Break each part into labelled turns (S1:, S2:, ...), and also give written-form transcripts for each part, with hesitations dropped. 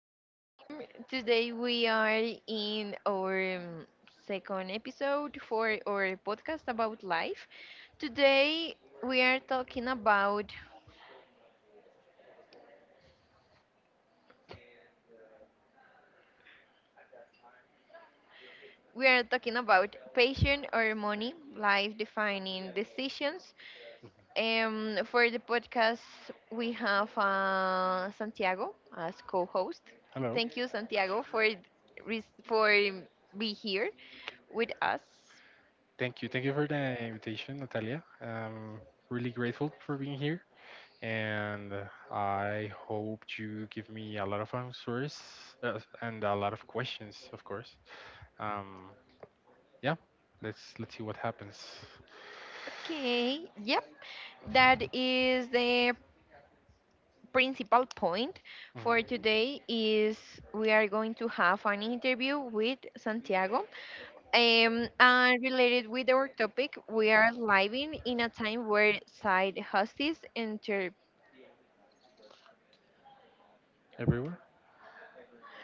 S1: Welcome, team. Today we are in our second episode for our podcast about life. Today we are talking about we are talking about patient or money, life defining decisions. For the podcast we have Santiago as co-host.
S2: Hello.
S1: Thank you, Santiago, for res- for um, be here with us.
S2: Thank you. Thank you for the invitation, Natalia. I'm really grateful for being here, and I hope you give me a lot of answers, and a lot of questions, of course. Um, yeah, let's see what happens.
S1: Okay. Yep. That is the principal point
S2: Mhm.
S1: for today is we are going to have an interview with Santiago, and related with our topic, we are living in a time where side hustles enter
S2: Everywhere.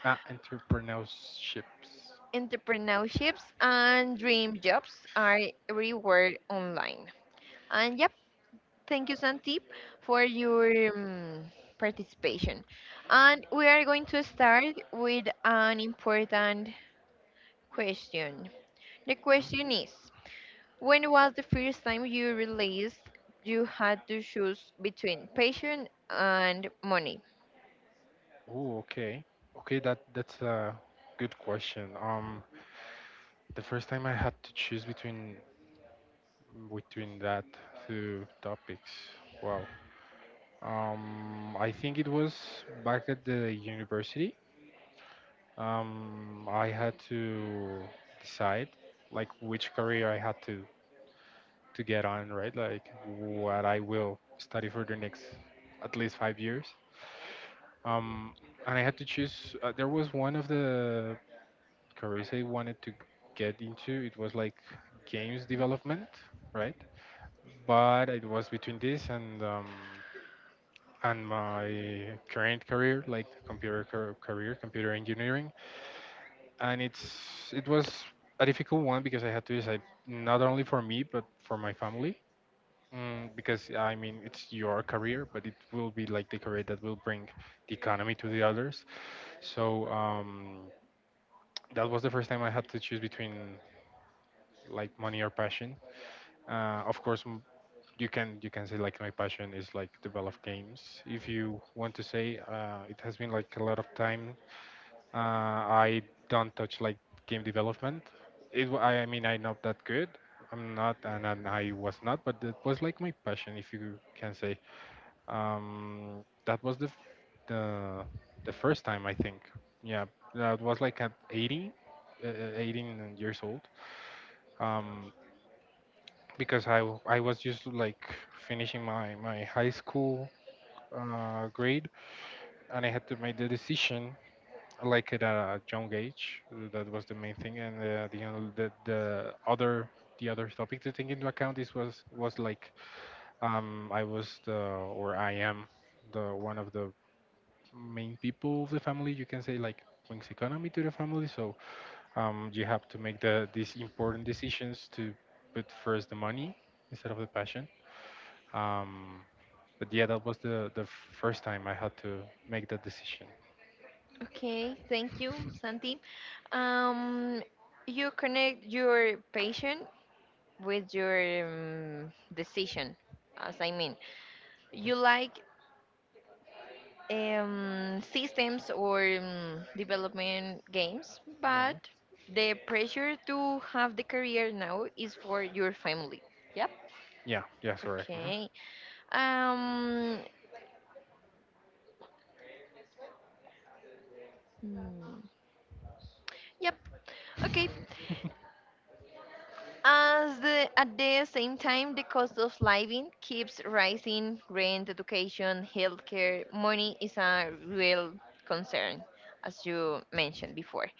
S2: Ah, entrepreneurships.
S1: entrepreneurships and dream jobs are everywhere online. And yep, thank you, Santi, for your um, participation, and we are going to start with an important question. The question is, when was the first time you realized you had to choose between passion and money?
S2: Oh, okay. Okay, that's a good question. The first time I had to choose between that two topics. Wow. I think it was back at the university. I had to decide like which career I had to get on, right? Like what I will study for the next at least 5 years. Um, and I had to choose. There was one of the careers I wanted to get into. It was like games development, right? But it was between this and my current career, like the career, computer engineering. And it was a difficult one because I had to decide not only for me but for my family. Mm, because I mean, it's your career, but it will be like the career that will bring the economy to the others. So that was the first time I had to choose between like money or passion. Of course, you can say like my passion is like develop games. If you want to say, it has been like a lot of time. I don't touch like game development. It, wa- I mean, I'm not that good. I'm not, and, I was not, but it was like my passion, if you can say. That was the the first time I think. Yeah, that was like at 18 years old. Um, because I was just like finishing my high school grade, and I had to make the decision like at a young age. That was the main thing, and the other the other topic to take into account is was like, I was the or I am the one of the main people of the family. You can say like brings economy to the family, so you have to make these important decisions to put first the money instead of the passion. Um, but yeah, that was the first time I had to make that decision.
S1: Okay, thank you, Santi. Um, you connect your passion with your decision, as I mean, you like systems or development games, but
S2: Mhm.
S1: the pressure to have the career now is for your family. Yeah?
S2: Yeah, yeah, sorry.
S1: Okay. Um. hmm, Yep. Okay. As the at the same time, the cost of living keeps rising. Rent, education, healthcare, money is a real concern, as you mentioned before.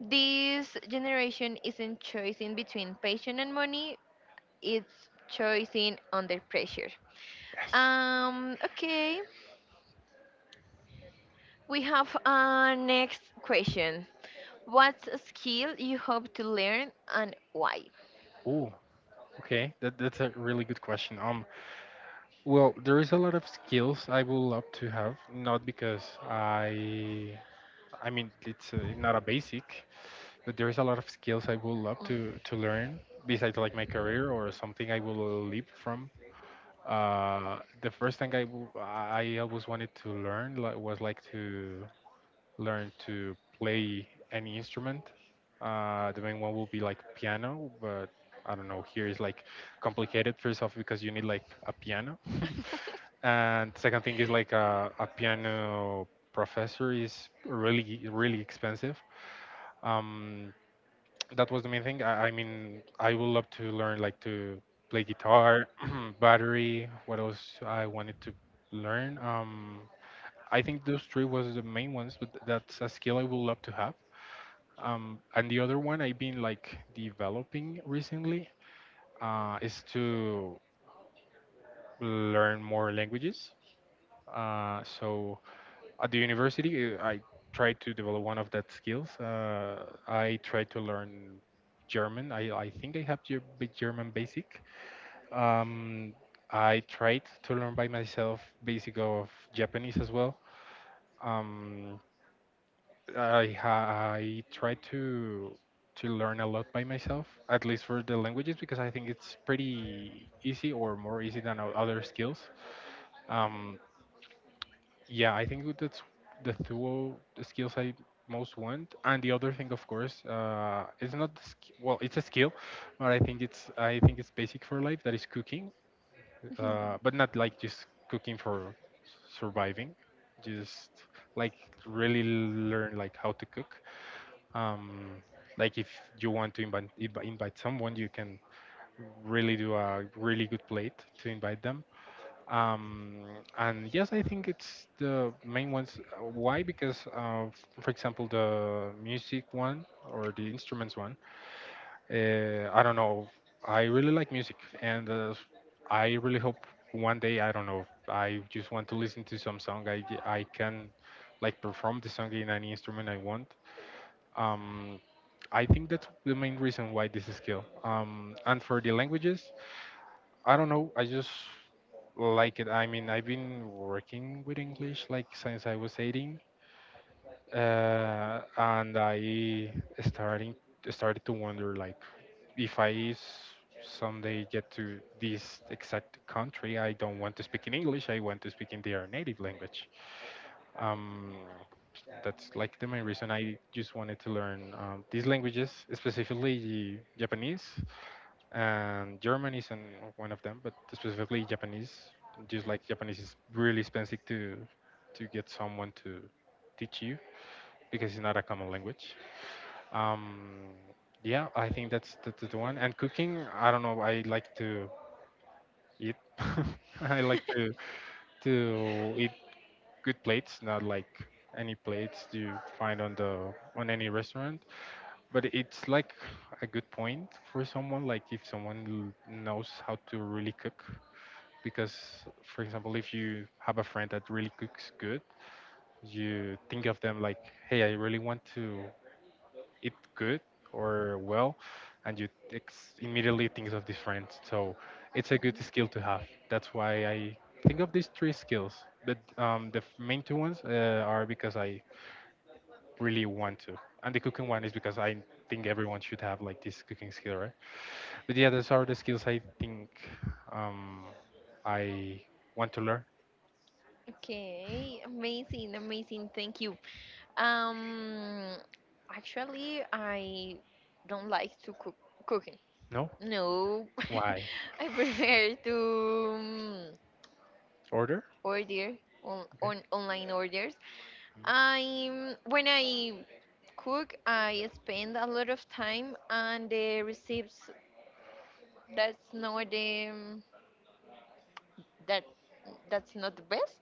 S1: This generation isn't choosing between passion and money; it's choosing under pressure. Okay. We have our next question. What's a skill you hope to learn and why?
S2: Mm-hmm. Okay, that's a really good question. Well, there is a lot of skills I would love to have, not because I, I mean, it's not a basic, but there is a lot of skills I would love to learn besides like my career or something I will leap from. The first thing I always wanted to learn like, was like to learn to play any instrument. The main one will be like piano, but I don't know. Here is like complicated first off because you need like a piano, and second thing is like a piano professor is really expensive. Um, that was the main thing. I mean, I would love to learn like to play guitar, battery. What else I wanted to learn? I think those three was the main ones, but that's a skill I would love to have. And the other one I've been like developing recently is to learn more languages. So at the university, I tried to develop one of that skills. I tried to learn German. I think I have German basic. Um, I tried to learn by myself basic of Japanese as well. Um, I try to learn a lot by myself, at least for the languages, because I think it's pretty easy or more easy than other skills. Um, yeah, I think that's the skills I most want. And the other thing, of course, it's not well, it's a skill, but I think it's basic for life. That is cooking, but not like just cooking for surviving, just like really learn like how to cook, um, like if you want to invite someone, you can really do a really good plate to invite them. Um, and yes, I think it's the main ones. Why? Because, for example, the music one or the instruments one, I don't know. I really like music, and I really hope one day, I don't know, I just want to listen to some song. I can like perform the song in any instrument I want. Um, I think that's the main reason why this is skill. And for the languages, I don't know. I just like it. I mean, I've been working with English like since I was 18, and I starting started to wonder like if I s- someday get to this exact country, I don't want to speak in English. I want to speak in their native language. Um, that's like the main reason I just wanted to learn these languages, specifically Japanese and German is an, one of them, but specifically Japanese. Just like Japanese is really expensive to get someone to teach you because it's not a common language. Um, yeah, I think that's the, the one. And cooking, I don't know. I like to eat. I like to eat good plates, not like any plates you find on the on any restaurant. But it's like a good point for someone, like if someone knows how to really cook. Because, for example, if you have a friend that really cooks good, you think of them like, hey, I really want to eat good or well, and immediately think of these friends. So it's a good skill to have. That's why I think of these three skills, but main two ones are because I really want to. And the cooking one is because I think everyone should have like this cooking skill, right? But yeah, those are the skills I think um, I want to learn.
S1: Okay, amazing, amazing. Thank you. Um, Actually, I don't like to cooking.
S2: No,
S1: No.
S2: why?
S1: I prefer to
S2: Order.
S1: order
S2: Okay.
S1: on online orders.
S2: Mm.
S1: I'm when I cook, I spend a lot of time on the recipes. That's not the that that's not the best,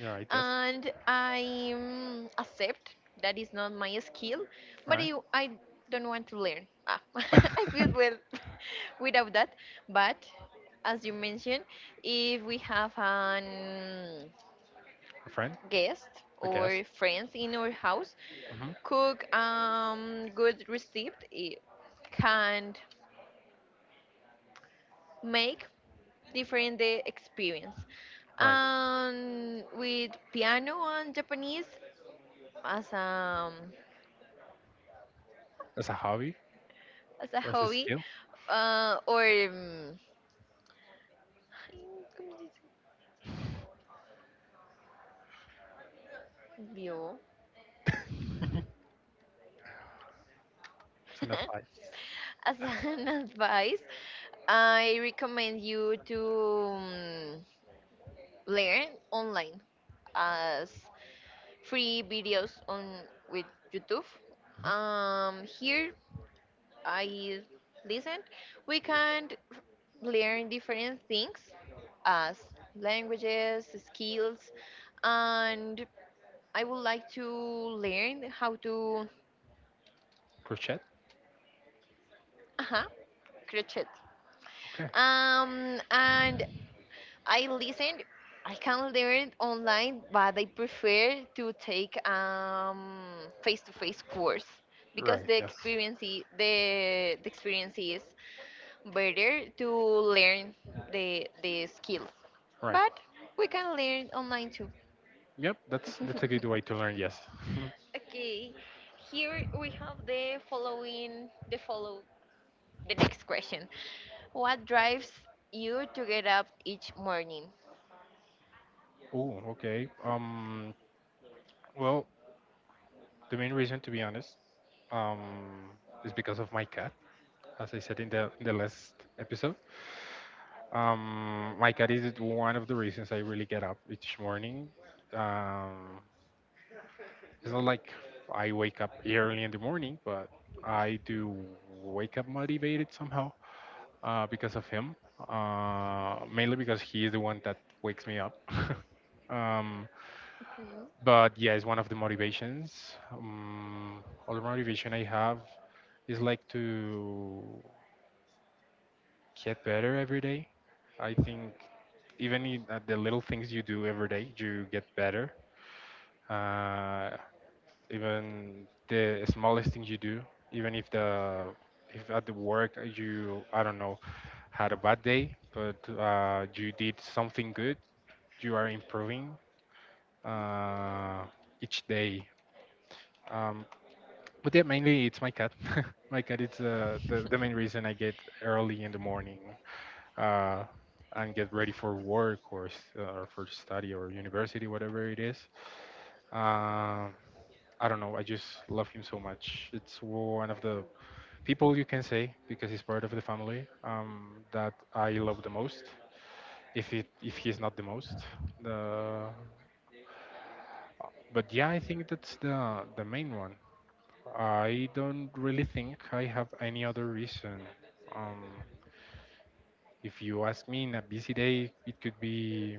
S2: You're right. Yes.
S1: and I mm, accept that is not my skill, but
S2: Right.
S1: I don't want to learn, ah, I feel well without that. But as you mentioned, if we have an
S2: A friend,
S1: guest
S2: I guess.
S1: or friends in our house
S2: Hmm.
S1: cook good recipe, it can make different the experience.
S2: Right.
S1: And with piano and Japanese as a
S2: As a hobby
S1: as a
S2: or as a
S1: hobby,
S2: skill,
S1: or ¿cómo
S2: as an advice.
S1: as an advice, I recommend you to um, learn online as free videos on with YouTube.
S2: Mhm.
S1: Here I listened, we can learn different things as languages, skills, and I would like to learn how to
S2: Crochet.
S1: uh crochet.
S2: Okay.
S1: And I listened. I can learn online, but I prefer to take face-to-face course because
S2: Right. Yes.
S1: the experience is better to learn the skills,
S2: Right.
S1: but we can learn online too.
S2: Yep, that's a good way to learn, yes.
S1: Okay, here we have the following the next question, what drives you to get up each morning?
S2: Oh, okay. Well, the main reason, to be honest, um, is because of my cat, as I said in the last episode. My cat is one of the reasons I really get up each morning. Um, it's not like I wake up early in the morning, but I do wake up motivated somehow, because of him, mainly because he is the one that wakes me up. um,
S1: Mhm.
S2: but yeah, it's one of the motivations. Other motivation I have is like to get better every day. I think even in, the little things you do every day, you get better. Uh, Even the smallest things you do, even if at the work you, I don't know, had a bad day, but you did something good, you are improving uh, each day. Um, but yeah, mainly it's my cat. My cat is the main reason I get early in the morning, uh, and get ready for work or for study or university, whatever it is. Um I don't know. I just love him so much. It's one of the people you can say because he's part of the family, that I love the most. If he's not the most, the but yeah, I think that's the main one. I don't really think I have any other reason. Um, if you ask me in a busy day, it could be,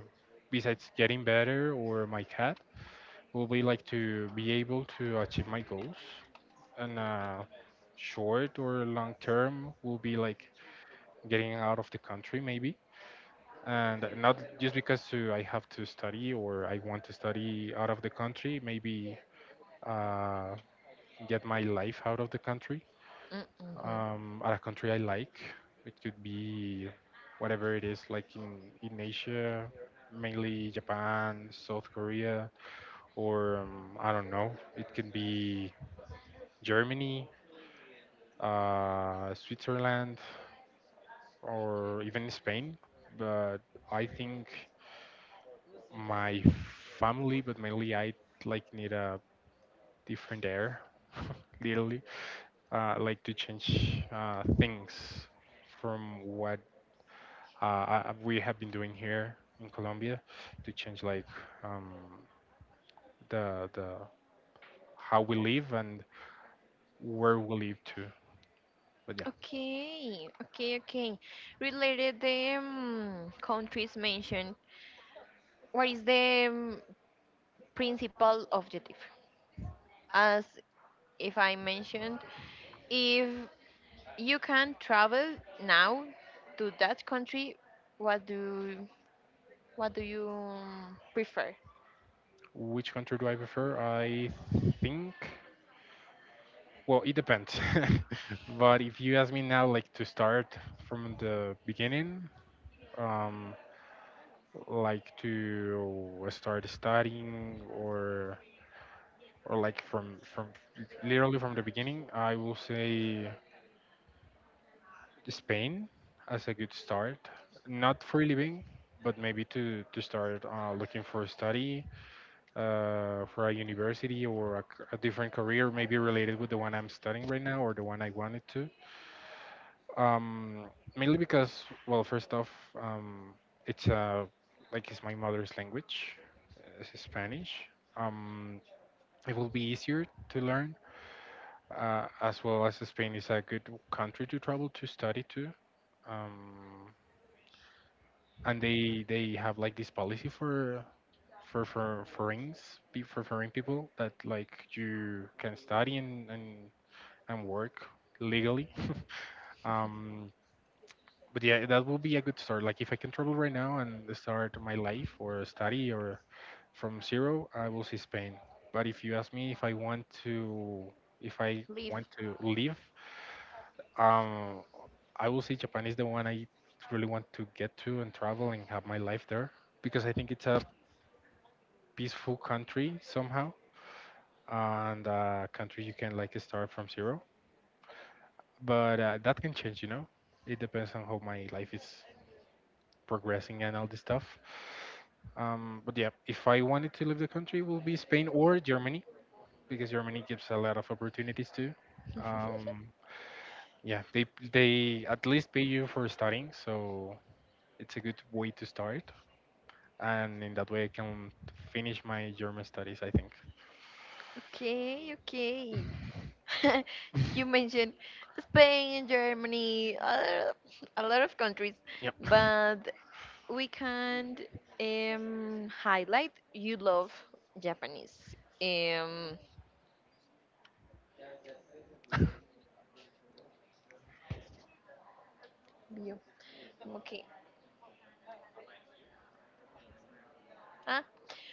S2: besides getting better or my cat, will be like to be able to achieve my goals. And short or long term will be like getting out of the country maybe. And not just because I have to study or I want to study out of the country, maybe uh, get my life out of the country,
S1: Mm, mhm.
S2: at a country I like. It could be whatever it is, like in Asia, mainly Japan, South Korea, or I don't know. It could be Germany, Switzerland, or even Spain. But I think my family, but mainly I like need a different air, literally. Like to change things from what, uh, we have been doing here in Colombia, to change like, um, the how we live and where we live too. But yeah,
S1: Okay, okay, okay, related the countries mentioned, what is the principal objective as if I mentioned if you can travel now to that country, what do what do you prefer?
S2: which country do I prefer? I think, well, it depends. But if you ask me now, like to start from the beginning, um, like to start studying or or like from literally from the beginning, I will say Spain as a good start. Not for living, but maybe to start looking for a study for a university or a, a different career, maybe related with the one I'm studying right now or the one I wanted to. Um, Mainly because, well, first off, um, it's like it's my mother's language, it's Spanish. Um, it will be easier to learn, as well as Spain is a good country to travel to study to. Um, and they have like this policy for for foreigners, for foreign people, that like you can study and work legally. Um, but yeah, that will be a good start. Like if I can travel right now and start my life or study or from zero, I will see Spain. But if you ask me if I want to, if I
S1: Live.
S2: want to live, um, I will say Japan is the one I really want to get to and travel and have my life there, because I think it's a peaceful country somehow and a country you can like start from zero. But that can change, you know. It depends on how my life is progressing and all this stuff. But yeah, if I wanted to leave the country, it will be Spain or Germany, because Germany gives a lot of opportunities too. Um, yeah, they at least pay you for studying, so it's a good way to start. And in that way I can finish my German studies, I think.
S1: Okay, okay. You mentioned Spain, Germany, other, a lot of countries,
S2: Yep.
S1: but we can highlight you love Japanese. Um, you- okay. Ah,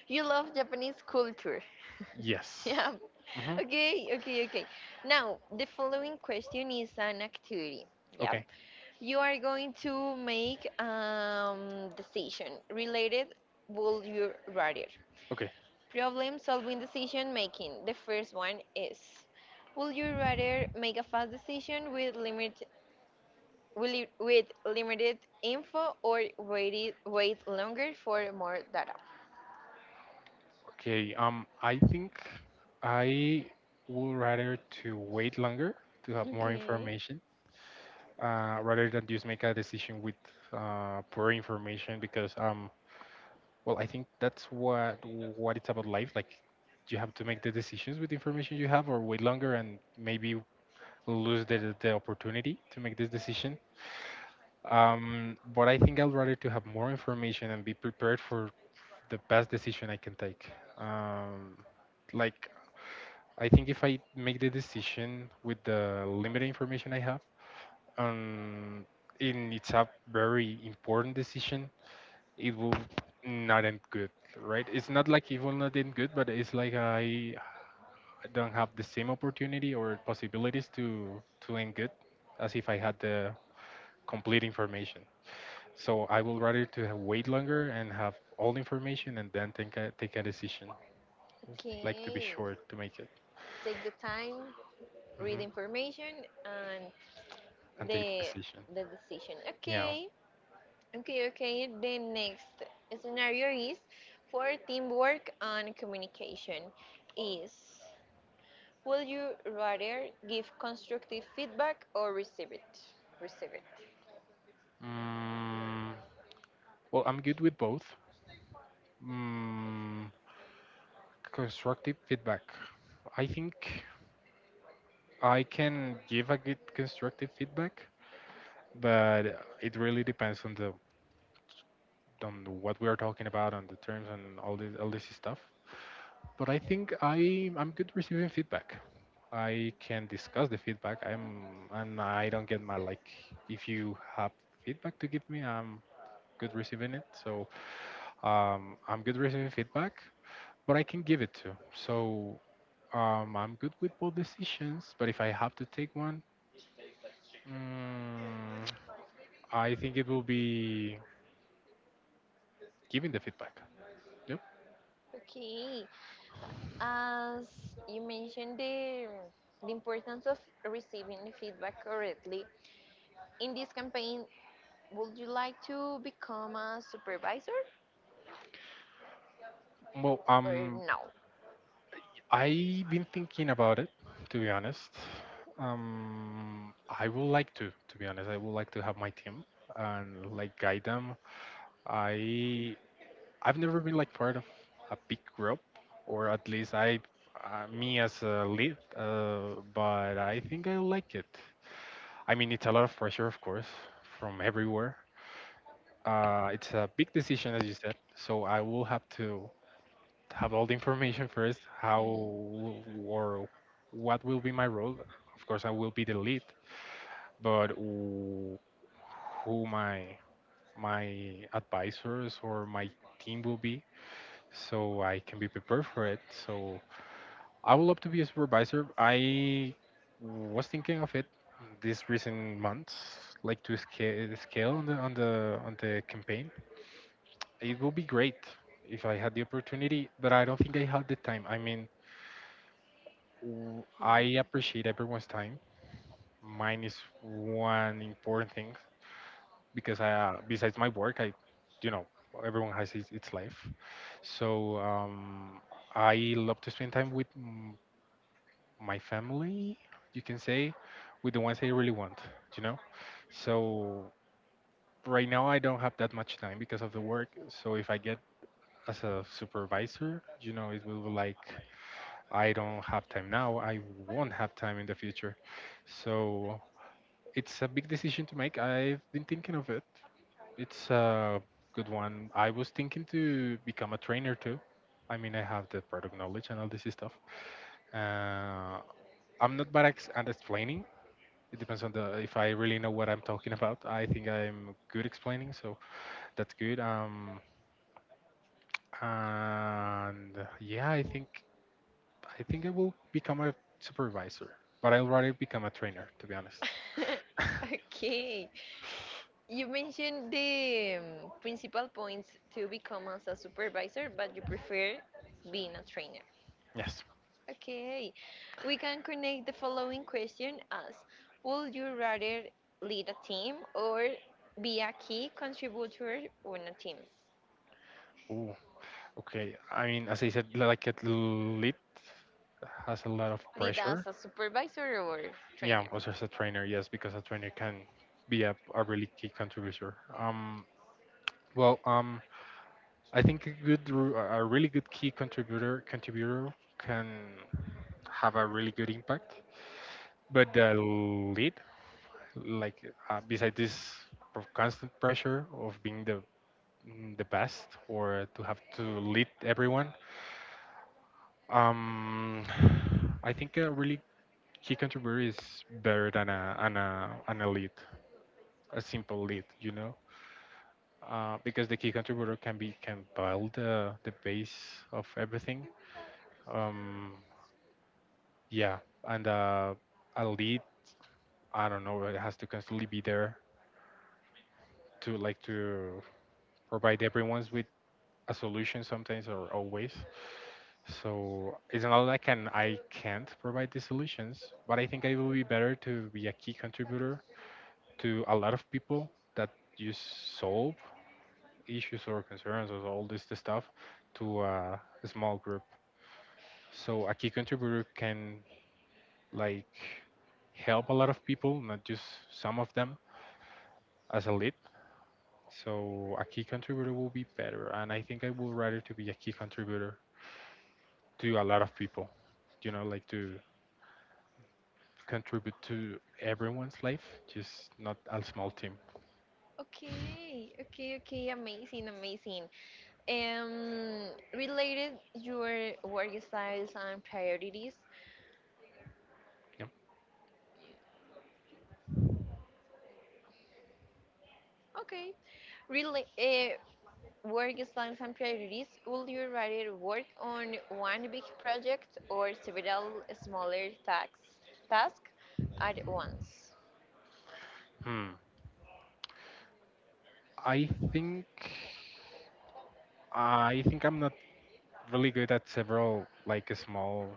S1: you love Japanese culture.
S2: Yes.
S1: Yeah.
S2: Hmm.
S1: Okay, okay, okay. Now, the following question is an activity. Yep.
S2: Okay.
S1: You are going to make decision related will you rather.
S2: Okay.
S1: Problem solving decision making. The first one is will you rather make a fast decision with limit will you- with limited info or wait longer for more data?
S2: Okay. I think I would rather to wait longer to have more
S1: Okay.
S2: information, rather than just make a decision with poor information, because well, I think that's what it's about life. Like, you have to make the decisions with the information you have, or wait longer and maybe lose the opportunity to make this decision. But I think I'd rather to have more information and be prepared for the best decision I can take. Um, like I think if I make the decision with the limited information I have, um, and it's a very important decision, it will not end good, right? It's not like it will not end good, but it's like I don't have the same opportunity or possibilities to end good as if I had the complete information. So I would rather to have wait longer and have all information and then take a, take a decision. Just like to be
S1: Okay.
S2: sure to make it.
S1: Take the time, read
S2: Hmm.
S1: information, and
S2: And take the
S1: the
S2: decision.
S1: the decision.
S2: Yeah.
S1: Okay, okay, okay. The next scenario is for teamwork and communication is will you rather give constructive feedback or receive it? Receive it.
S2: Mm, well, I'm good with both. Mm, constructive feedback. I think I can give a good constructive feedback, but it really depends on the, on what we are talking about, on the terms and all this stuff. But I think I'm good receiving feedback. I can discuss the feedback. I'm and I don't get mad. Like if you have feedback to give me, I'm good receiving it. So I'm good receiving feedback, but I can give it too. So I'm good with both decisions. But if I have to take one, mm, I think it will be giving the feedback. Yep.
S1: Okay. As you mentioned the importance of receiving the feedback correctly, in this campaign, would you like to become a supervisor
S2: Well,
S1: or no?
S2: I've been thinking about it, to be honest. I would like to be honest. I would like to have my team and like guide them. I, I've never been like part of a big group, or at least I, me as a lead. But I think I like it. I mean, it's a lot of pressure, of course, from everywhere. It's a big decision, as you said. So I will have to have all the information first, how
S1: Mm.
S2: or what will be my role. Of course I will be the lead, but who, my my advisors or my team will be, so I can be prepared for it. So I would love to be a supervisor. I was thinking of it these recent months, like to scale on the on the campaign. It will be great if I had the opportunity, but I don't think I had the time. I mean, I appreciate everyone's time. Mine is one important thing, because I, besides my work, I, you know, everyone has his, its life. So I love to spend time with my family. You can say, with the ones I really want. You know, so right now I don't have that much time because of the work. So if I get as a supervisor, you know, it will be like I don't have time now. I won't have time in the future. So it's a big decision to make. I've been thinking of it. It's a good one. I was thinking to become a trainer too. I mean, I have the product knowledge and all this stuff. Uh, I'm not bad at explaining. It depends on the, if I really know what I'm talking about. I think I'm good explaining, so that's good. And yeah, I think I will become a supervisor, but I'll rather become a trainer, to be honest.
S1: Okay. You mentioned the principal points to become as a supervisor, but you prefer being a trainer.
S2: Yes.
S1: Okay. We can connect the following question as would you rather lead a team or be a key contributor on a team?
S2: Okay, I mean, as I said, like a lead has a lot of
S1: Lead as
S2: pressure.
S1: a supervisor or
S2: Yeah,
S1: trainer?
S2: also as a trainer, yes, because a trainer can be a really key contributor. Well, I think a good, a really good key contributor can have a really good impact. But the lead, like beside this of constant pressure of being the, mm, the best or to have to lead everyone, um, I think a really he contributor is better than a an elite, a simple lead, you know, because the key contributor can build the base of everything. Um, yeah, and a lead, I don't know, it has to constantly be there to like to provide everyone's with a solution sometimes or always. So it's not like an I can't provide the solutions, but I think I will be better to be a key contributor to a lot of people that you solve issues or concerns or all this stuff to a small group. So a key contributor can like help a lot of people, not just some of them, as a lead. So a key contributor will be better, and I think I would rather to be a key contributor to a lot of people, you know, like to contribute to everyone's life, just not a small team.
S1: Okay, okay, okay, amazing, amazing. Um, Related your work styles and priorities,
S2: Yeah.
S1: okay. Really, work plans and priorities. Would you rather work on one big project or several smaller tasks, at once?
S2: Hmm. I think I'm not really good at several like small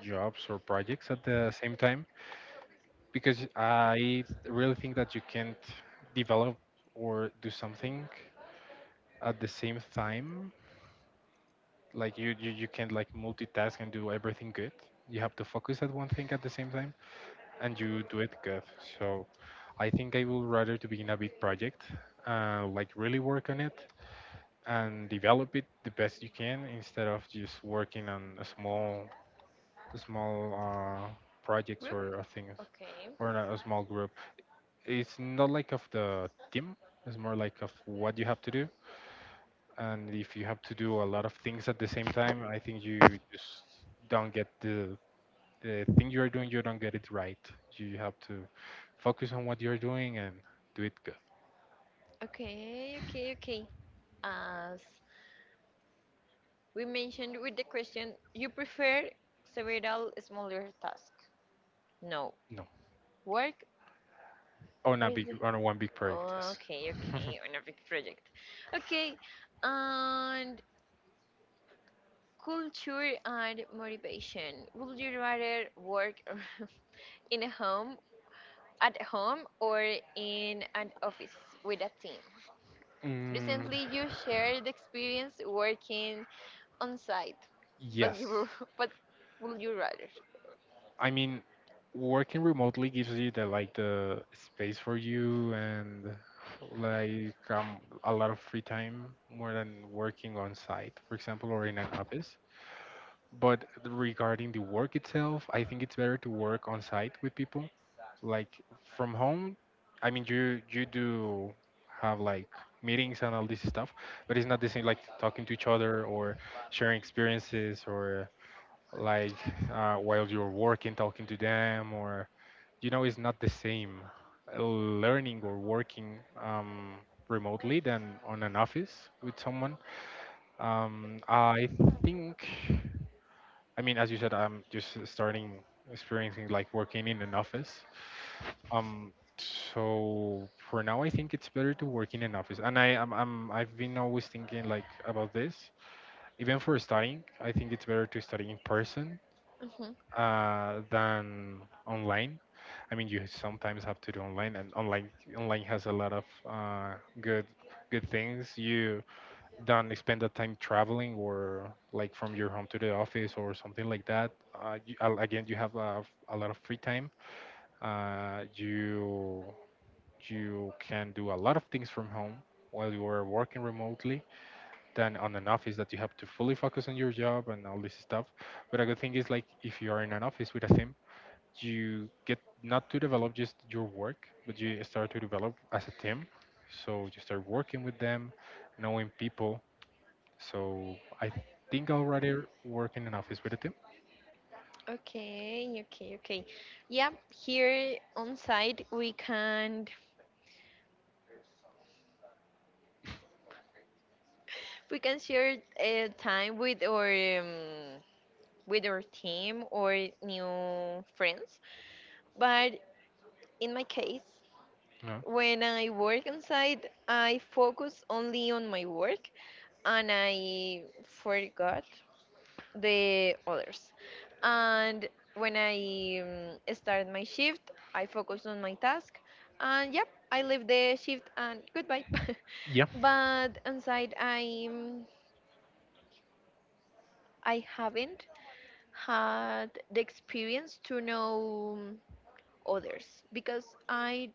S2: jobs or projects at the same time, because I really think that you can't develop or do something at the same time. Like you can't like multitask and do everything good. You have to focus at one thing at the same time and you do it good. So I think I would rather to be in a big project, like really work on it and develop it the best you can, instead of just working on a small projects
S1: Group.
S2: or things
S1: Okay.
S2: or in a small group. It's not like of the team. It's more like of what you have to do. And if you have to do a lot of things at the same time, I think you just don't get the thing you are doing. You don't get it right. You have to focus on what you're doing and do it good.
S1: Okay. Okay. Okay. As we mentioned with the question, you prefer several smaller tasks. No.
S2: No,
S1: Work.
S2: on
S1: What
S2: a
S1: is
S2: big
S1: the?
S2: on a one big project. Yes.
S1: Okay. Okay. On a big project. Okay. And culture and motivation. Would you rather work in a home, at home, or in an office with a team?
S2: Mm,
S1: Recently, you shared the experience working on site, but
S2: yes.
S1: you were- but would you rather?
S2: I mean, working remotely gives you the like the space for you and like a lot of free time, more than working on site, for example, or in an office. But regarding the work itself, I think it's better to work on site with people. Like from home, I mean, you do have like meetings and all this stuff, but it's not the same like talking to each other or sharing experiences or like while you're working, talking to them, or you know, it's not the same learning or working remotely than on an office with someone. I think, I mean, as you said, I'm just starting experiencing like working in an office. Um, so for now, I think it's better to work in an office. And I'm, I've been always thinking like about this. Even for studying, I think it's better to study in person,
S1: Mhm.
S2: than online. I mean, you sometimes have to do online, and online has a lot of good things. You don't spend the time traveling or like from your home to the office or something like that. You, again, you have a lot of free time. You can do a lot of things from home while you are working remotely, than on an office that you have to fully focus on your job and all this stuff. But a good thing is like if you are in an office with a team, you get not to develop just your work, but you start to develop as a team. So you start working with them, knowing people. So I think I'll rather work in an office with a team.
S1: Okay, okay, okay. Yeah, here on site we can share time um, with our team or new friends, but in my case,
S2: No.
S1: when I work on site, I focus only on my work and I forgot the others. And when I start my shift, I focus on my task, and yep, I leave the shift and goodbye.
S2: Yeah.
S1: But on site, I haven't had the experience to know others because I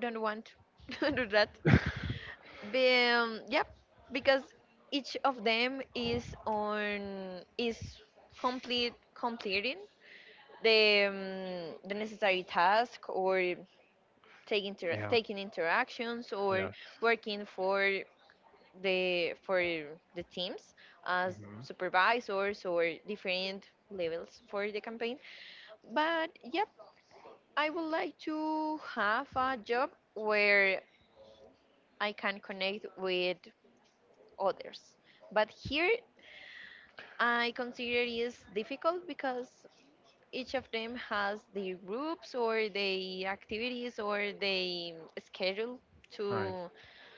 S1: don't want to do that. Yep, because each of them is complete completing the necessary task or
S2: Yeah.
S1: taking interactions or
S2: Yeah.
S1: working for the for the teams as
S2: Hmm.
S1: supervisors or different levels for the campaign. But yep, I would like to have a job where I can connect with others. But here I consider it is difficult because each of them has their groups or their activities or their schedule
S2: All right.
S1: to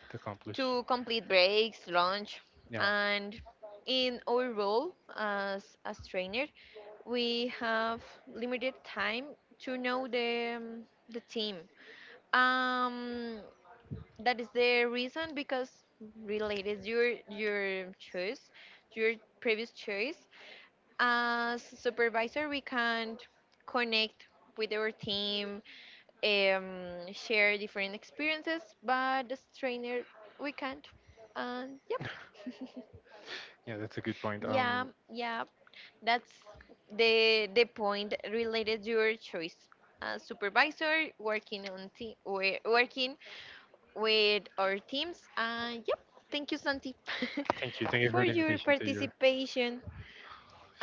S2: To accomplish.
S1: complete breaks, lunch,
S2: Yeah.
S1: and in our role as trainer, we have limited time to know the team. Um, that is the reason because related your choice, your previous choice as supervisor, we can connect with our team, share different experiences, but as trainer, we can't. And yep.
S2: Yeah, that's a good point.
S1: Yeah, yeah, that's the point related to your choice. Supervisor working on team, working with our teams. And yep, thank you, Santi,
S2: Thank you. Thank you
S1: for
S2: for the
S1: your
S2: invitation to your
S1: participation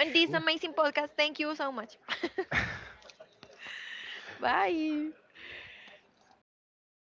S1: on this amazing podcast. Thank you so much. Bye.